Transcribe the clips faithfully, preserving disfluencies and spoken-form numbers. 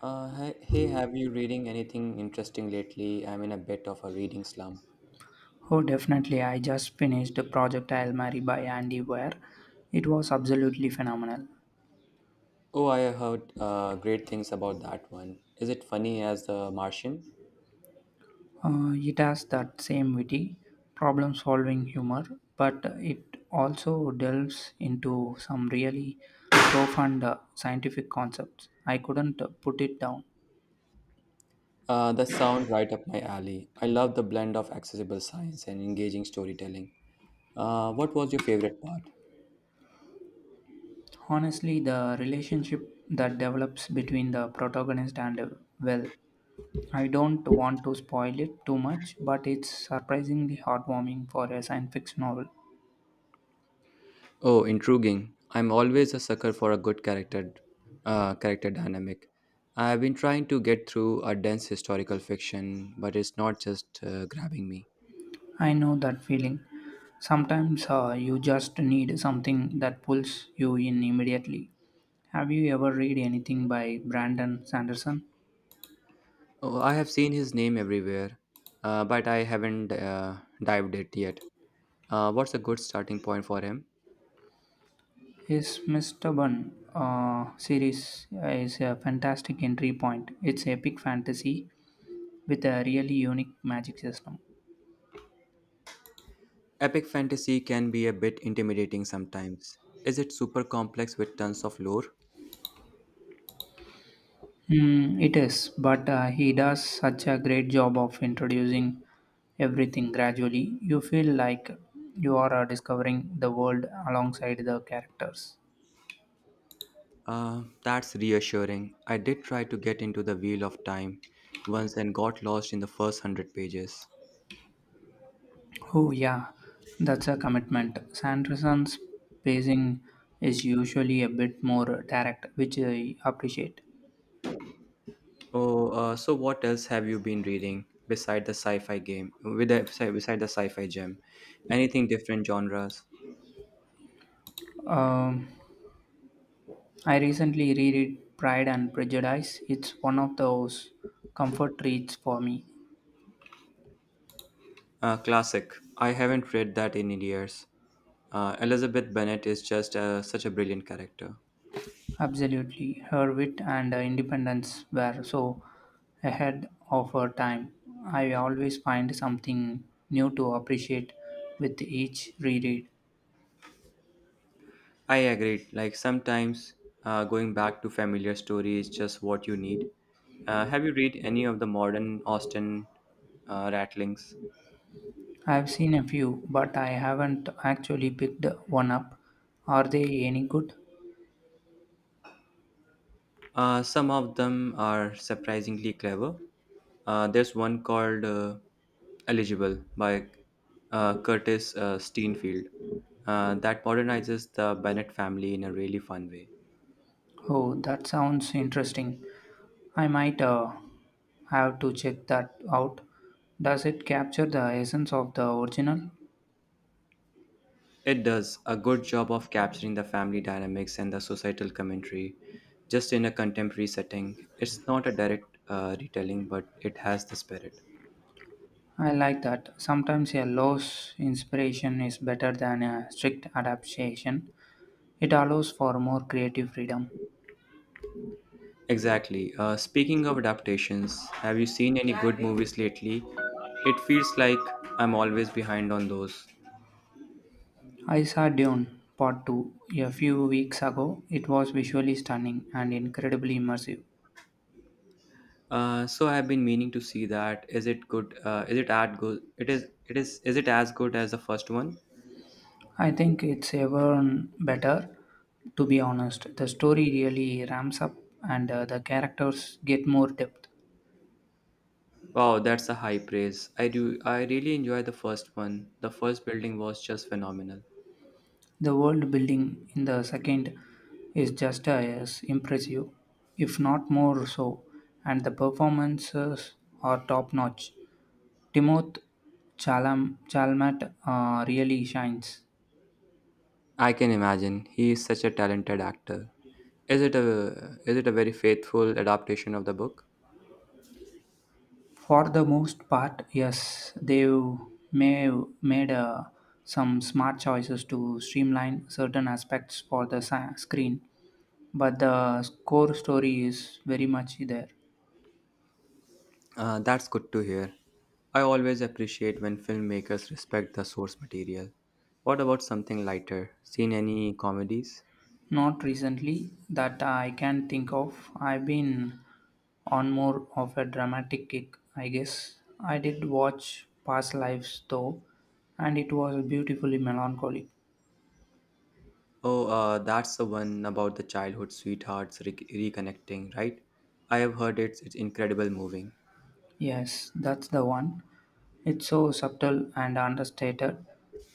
Uh, hi- hey, have you reading anything interesting lately? I'm in a bit of a reading slump. Oh, definitely. I just finished the Project Hail Mary by Andy Weir. It was absolutely phenomenal. Oh, I heard uh, great things about that one. Is it funny as The Martian? Uh, it has that same witty, problem solving humor, but it also delves into some really profound uh, scientific concepts. I couldn't uh, put it down. Uh, that sound right up my alley. I love the blend of accessible science and engaging storytelling. Uh, what was your favorite part? Honestly, the relationship that develops between the protagonist and, uh, well, I don't want to spoil it too much, but it's surprisingly heartwarming for a science fiction novel. Oh, intriguing. I'm always a sucker for a good character, uh, character dynamic. I've been trying to get through a dense historical fiction, but it's not just uh, grabbing me. I know that feeling. Sometimes uh, you just need something that pulls you in immediately. Have you ever read anything by Brandon Sanderson? Oh, I have seen his name everywhere, uh, but I haven't uh, dived it yet. Uh, what's a good starting point for him? His Mister Bun uh, series is a fantastic entry point. It's epic fantasy with a really unique magic system. Epic fantasy can be a bit intimidating sometimes. Is it super complex with tons of lore? Mm, it is, but uh, he does such a great job of introducing everything gradually. You feel like you are uh, discovering the world alongside the characters. Uh, that's reassuring. I did try to get into the Wheel of Time once and got lost in the first hundred pages. Oh, yeah, that's a commitment. Sanderson's pacing is usually a bit more direct, which I appreciate. Oh, uh, so what else have you been reading beside the sci-fi game? With the, beside the sci-fi gem, anything different genres? Um, I recently reread Pride and Prejudice. It's one of those comfort reads for me. Uh, classic. I haven't read that in years. Uh, Elizabeth Bennet is just uh, such a brilliant character. Absolutely. Her wit and independence were so ahead of her time. I always find something new to appreciate with each reread. I agree. Like sometimes uh, going back to familiar story is just what you need. Uh, have you read any of the modern Austen uh, rattlings? I've seen a few, but I haven't actually picked one up. Are they any good? Uh, some of them are surprisingly clever. Uh, there's one called uh, Eligible by uh, Curtis uh, Steenfield uh, that modernizes the Bennett family in a really fun way. Oh, that sounds interesting. I might uh, have to check that out. Does it capture the essence of the original? It does a good job of capturing the family dynamics and the societal commentary just in a contemporary setting. It's not a direct uh, retelling, but it has the spirit. I like that. Sometimes a loose inspiration is better than a strict adaptation. It allows for more creative freedom. Exactly. Uh, speaking of adaptations, have you seen any good movies lately? It feels like I'm always behind on those. I saw Dune Part two a few weeks ago. It was visually stunning and incredibly immersive. Uh, so I've been meaning to see that. Is it good? Uh, is it at good? It is. It is. Is it as good as the first one? I think it's even better, to be honest. The story really ramps up and uh, the characters get more depth. Wow, that's a high praise. I do I really enjoy the first one. The first building was just phenomenal. The world building in the second is just as impressive, if not more so, and the performances are top notch. Timoth Chalam, Chalmat uh, really shines. I can imagine. He is such a talented actor. Is it a is it a very faithful adaptation of the book? For the most part, yes, they've made, made uh, some smart choices to streamline certain aspects for the sa- screen, but the core story is very much there. Uh, that's good to hear. I always appreciate when filmmakers respect the source material. What about something lighter? Seen any comedies? Not recently that I can think of. I've been on more of a dramatic kick, I guess. I did watch Past Lives though, and it was beautifully melancholic. Oh, uh, that's the one about the childhood sweethearts re- reconnecting, right? I have heard it's, it's incredible moving. Yes, that's the one. It's so subtle and understated,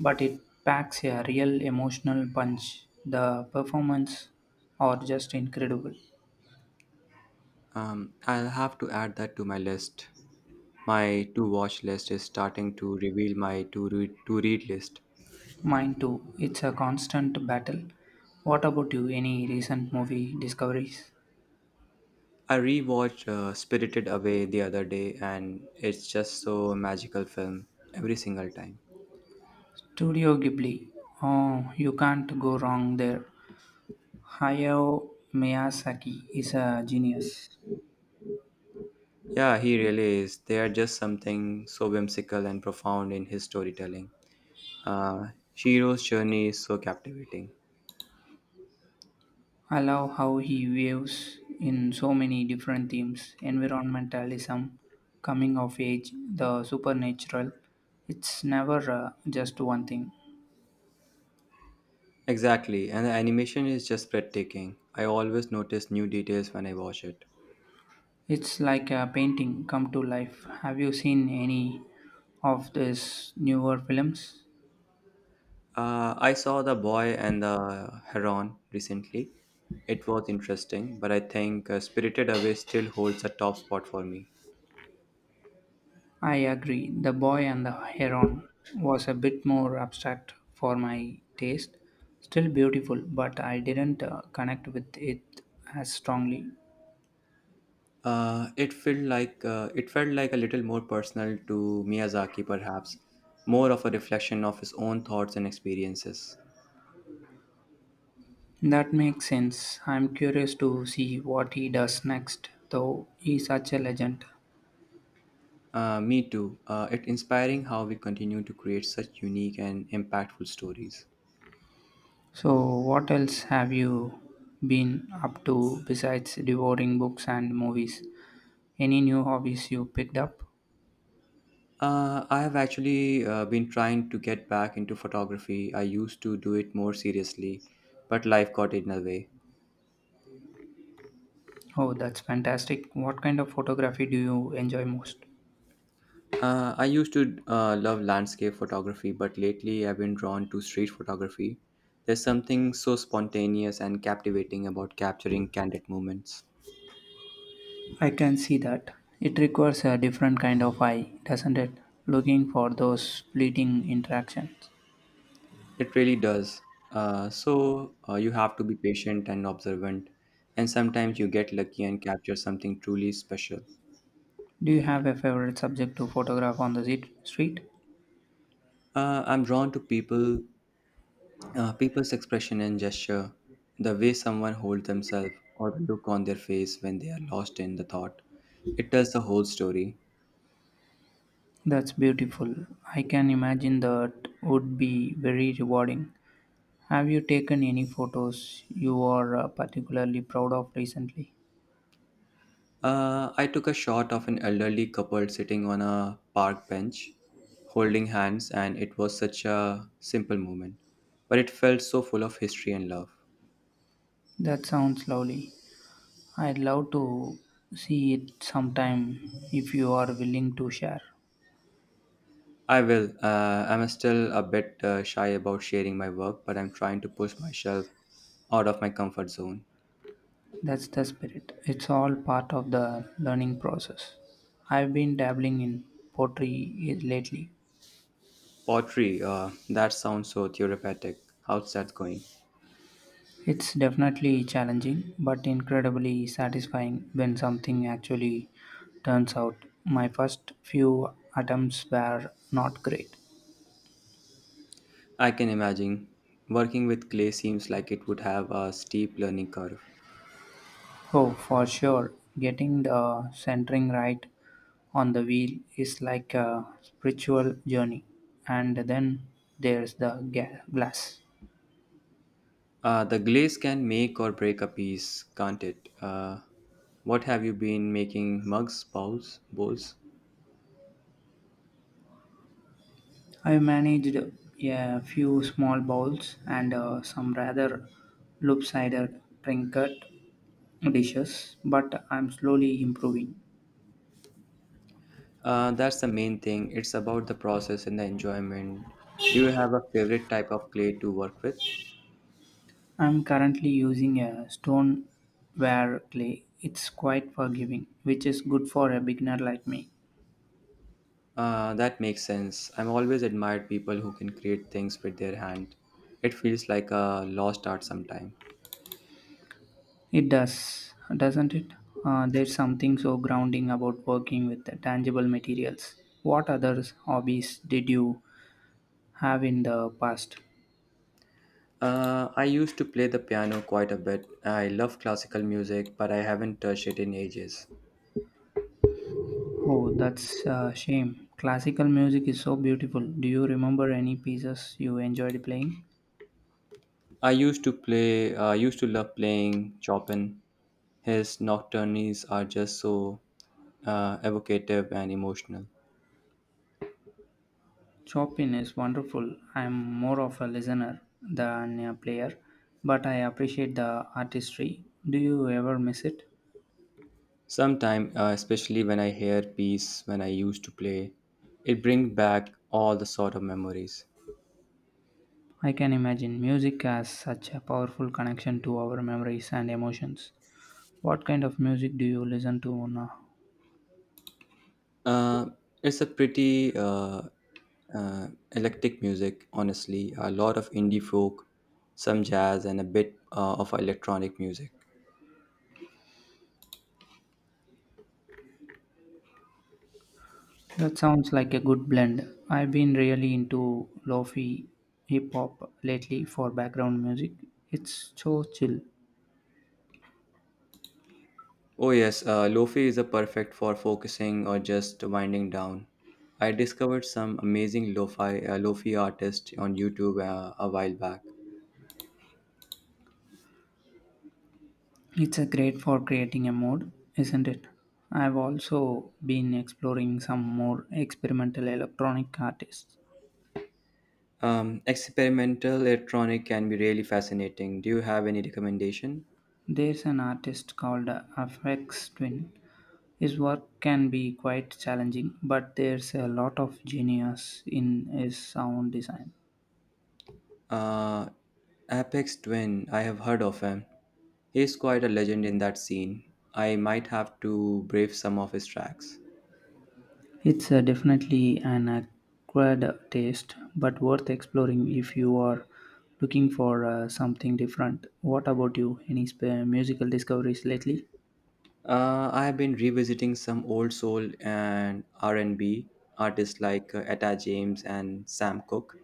but it packs a real emotional punch. The performance are just incredible. Um, I'll have to add that to my list. My to watch list is starting to reveal my to read, to read list. Mine too. It's a constant battle. What about you? Any recent movie discoveries? I rewatched uh, Spirited Away the other day and it's just so magical film every single time. Studio Ghibli. Oh, you can't go wrong there. Hayao Miyazaki is a genius. Yeah, he really is. There are just something so whimsical and profound in his storytelling. Uh, Shiro's journey is so captivating. I love how he weaves in so many different themes environmentalism, coming of age, the supernatural. It's never uh, just one thing. Exactly, and the animation is just breathtaking. I always notice new details when I watch it. It's like a painting come to life. Have you seen any of these newer films? Uh, I saw The Boy and the Heron recently. It was interesting, but I think uh, Spirited Away still holds a top spot for me. I agree. The Boy and the Heron was a bit more abstract for my taste. Still beautiful, but I didn't uh, connect with it as strongly. Uh, it felt like uh, it felt like a little more personal to Miyazaki, perhaps more of a reflection of his own thoughts and experiences. That makes sense. I'm curious to see what he does next, though he's such a legend. Uh, me too. Uh, it's inspiring how we continue to create such unique and impactful stories. So, what else have you been up to besides devouring books and movies? Any new hobbies you picked up? Uh, I have actually uh, been trying to get back into photography. I used to do it more seriously, but life got in the way. Oh, that's fantastic. What kind of photography do you enjoy most? Uh, I used to uh, love landscape photography, but lately I've been drawn to street photography. There's something so spontaneous and captivating about capturing candid moments. I can see that. It requires a different kind of eye, doesn't it? Looking for those fleeting interactions. It really does. Uh, so uh, you have to be patient and observant, and sometimes you get lucky and capture something truly special. Do you have a favorite subject to photograph on the street? Uh, I'm drawn to people Uh, people's expression and gesture, the way someone holds themselves or the look on their face when they are lost in the thought, it tells the whole story. That's beautiful. I can imagine that would be very rewarding. Have you taken any photos you are uh, particularly proud of recently? Uh, I took a shot of an elderly couple sitting on a park bench, holding hands, and it was such a simple moment, but it felt so full of history and love. That sounds lovely. I'd love to see it sometime if you are willing to share. I will. Uh, I'm still a bit uh, shy about sharing my work, but I'm trying to push myself out of my comfort zone. That's the spirit. It's all part of the learning process. I've been dabbling in pottery lately. Pottery, uh, that sounds so therapeutic. How's that going? It's definitely challenging, but incredibly satisfying when something actually turns out. My first few attempts were not great. I can imagine. Working with clay seems like it would have a steep learning curve. Oh, for sure, getting the centering right on the wheel is like a spiritual journey. And then there's the ga- glass. Uh, the glaze can make or break a piece, can't it? Uh, what have you been making? Mugs, bowls, bowls? I managed a few small bowls and uh, some rather lopsided trinket dishes, but I'm slowly improving. Uh, that's the main thing. It's about the process and the enjoyment. Do you have a favorite type of clay to work with? I'm currently using a stoneware clay. It's quite forgiving, which is good for a beginner like me. Uh, that makes sense. I'm always admired people who can create things with their hand. It feels like a lost art sometimes. It does, doesn't it? Uh, there's something so grounding about working with the tangible materials. What other hobbies did you have in the past? Uh, I used to play the piano quite a bit. I love classical music, but I haven't touched it in ages. Oh, that's a shame. Classical music is so beautiful. Do you remember any pieces you enjoyed playing? I used to play. uh, I used to love playing Chopin. His nocturnes are just so uh, evocative and emotional. Chopin is wonderful. I'm more of a listener than a player, but I appreciate the artistry. Do you ever miss it? Sometimes, uh, especially when I hear piece when I used to play, it brings back all the sort of memories. I can imagine music has such a powerful connection to our memories and emotions. What kind of music do you listen to now? Uh, it's a pretty uh, Uh, Electric music, honestly, a lot of indie folk, some jazz, and a bit uh, of electronic music. That sounds like a good blend. I've been really into lofi hip hop lately for background music. It's so chill. Oh, yes, uh, Lofi is a perfect for focusing or just winding down. I discovered some amazing lo-fi, uh, Lofi artists on YouTube uh, a while back. It's a great for creating a mode, isn't it? I've also been exploring some more experimental electronic artists. Um, experimental electronic can be really fascinating. Do you have any recommendation? There's an artist called Afex Twin. His work can be quite challenging, but there's a lot of genius in his sound design. Uh, Apex Twin, I have heard of him. He's quite a legend in that scene. I might have to brave some of his tracks. It's uh, definitely an acquired taste, but worth exploring if you are looking for uh, something different. What about you? Any sp- musical discoveries lately? Uh, I have been revisiting some old soul and R and B artists like uh, Etta James and Sam Cooke.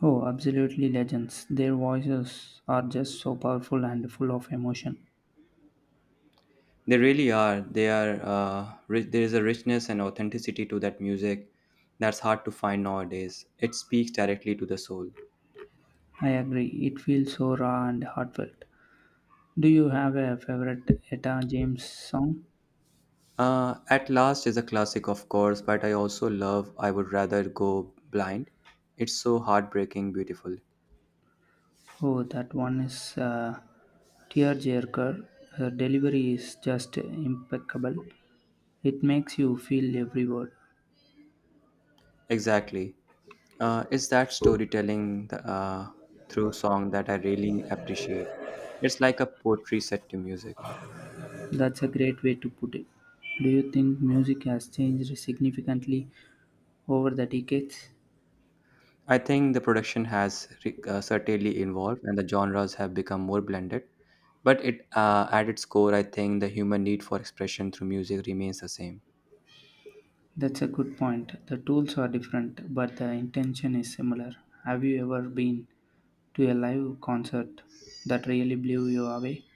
Oh, absolutely legends. Their voices are just so powerful and full of emotion. They really are. They are. Uh, rich, there is a richness and authenticity to that music that's hard to find nowadays. It speaks directly to the soul. I agree. It feels so raw and heartfelt. Do you have a favorite Etta James song? Uh, At Last is a classic, of course, but I also love I Would Rather Go Blind. It's so heartbreaking beautiful. Oh, that one is uh, Tearjerker. Her delivery is just impeccable. It makes you feel every word. Exactly. Uh, it's that storytelling th- uh, through song that I really appreciate. It's like a poetry set to music. That's a great way to put it. Do you think music has changed significantly over the decades? I think the production has re- uh, certainly evolved and the genres have become more blended. But it, uh, at its core, I think the human need for expression through music remains the same. That's a good point. The tools are different, but the intention is similar. Have you ever been to a live concert that really blew you away?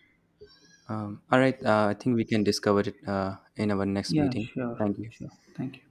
Um, all right. Uh, I think we can discover it uh, in our next Yeah, meeting. sure, Thank you. sure. Thank you.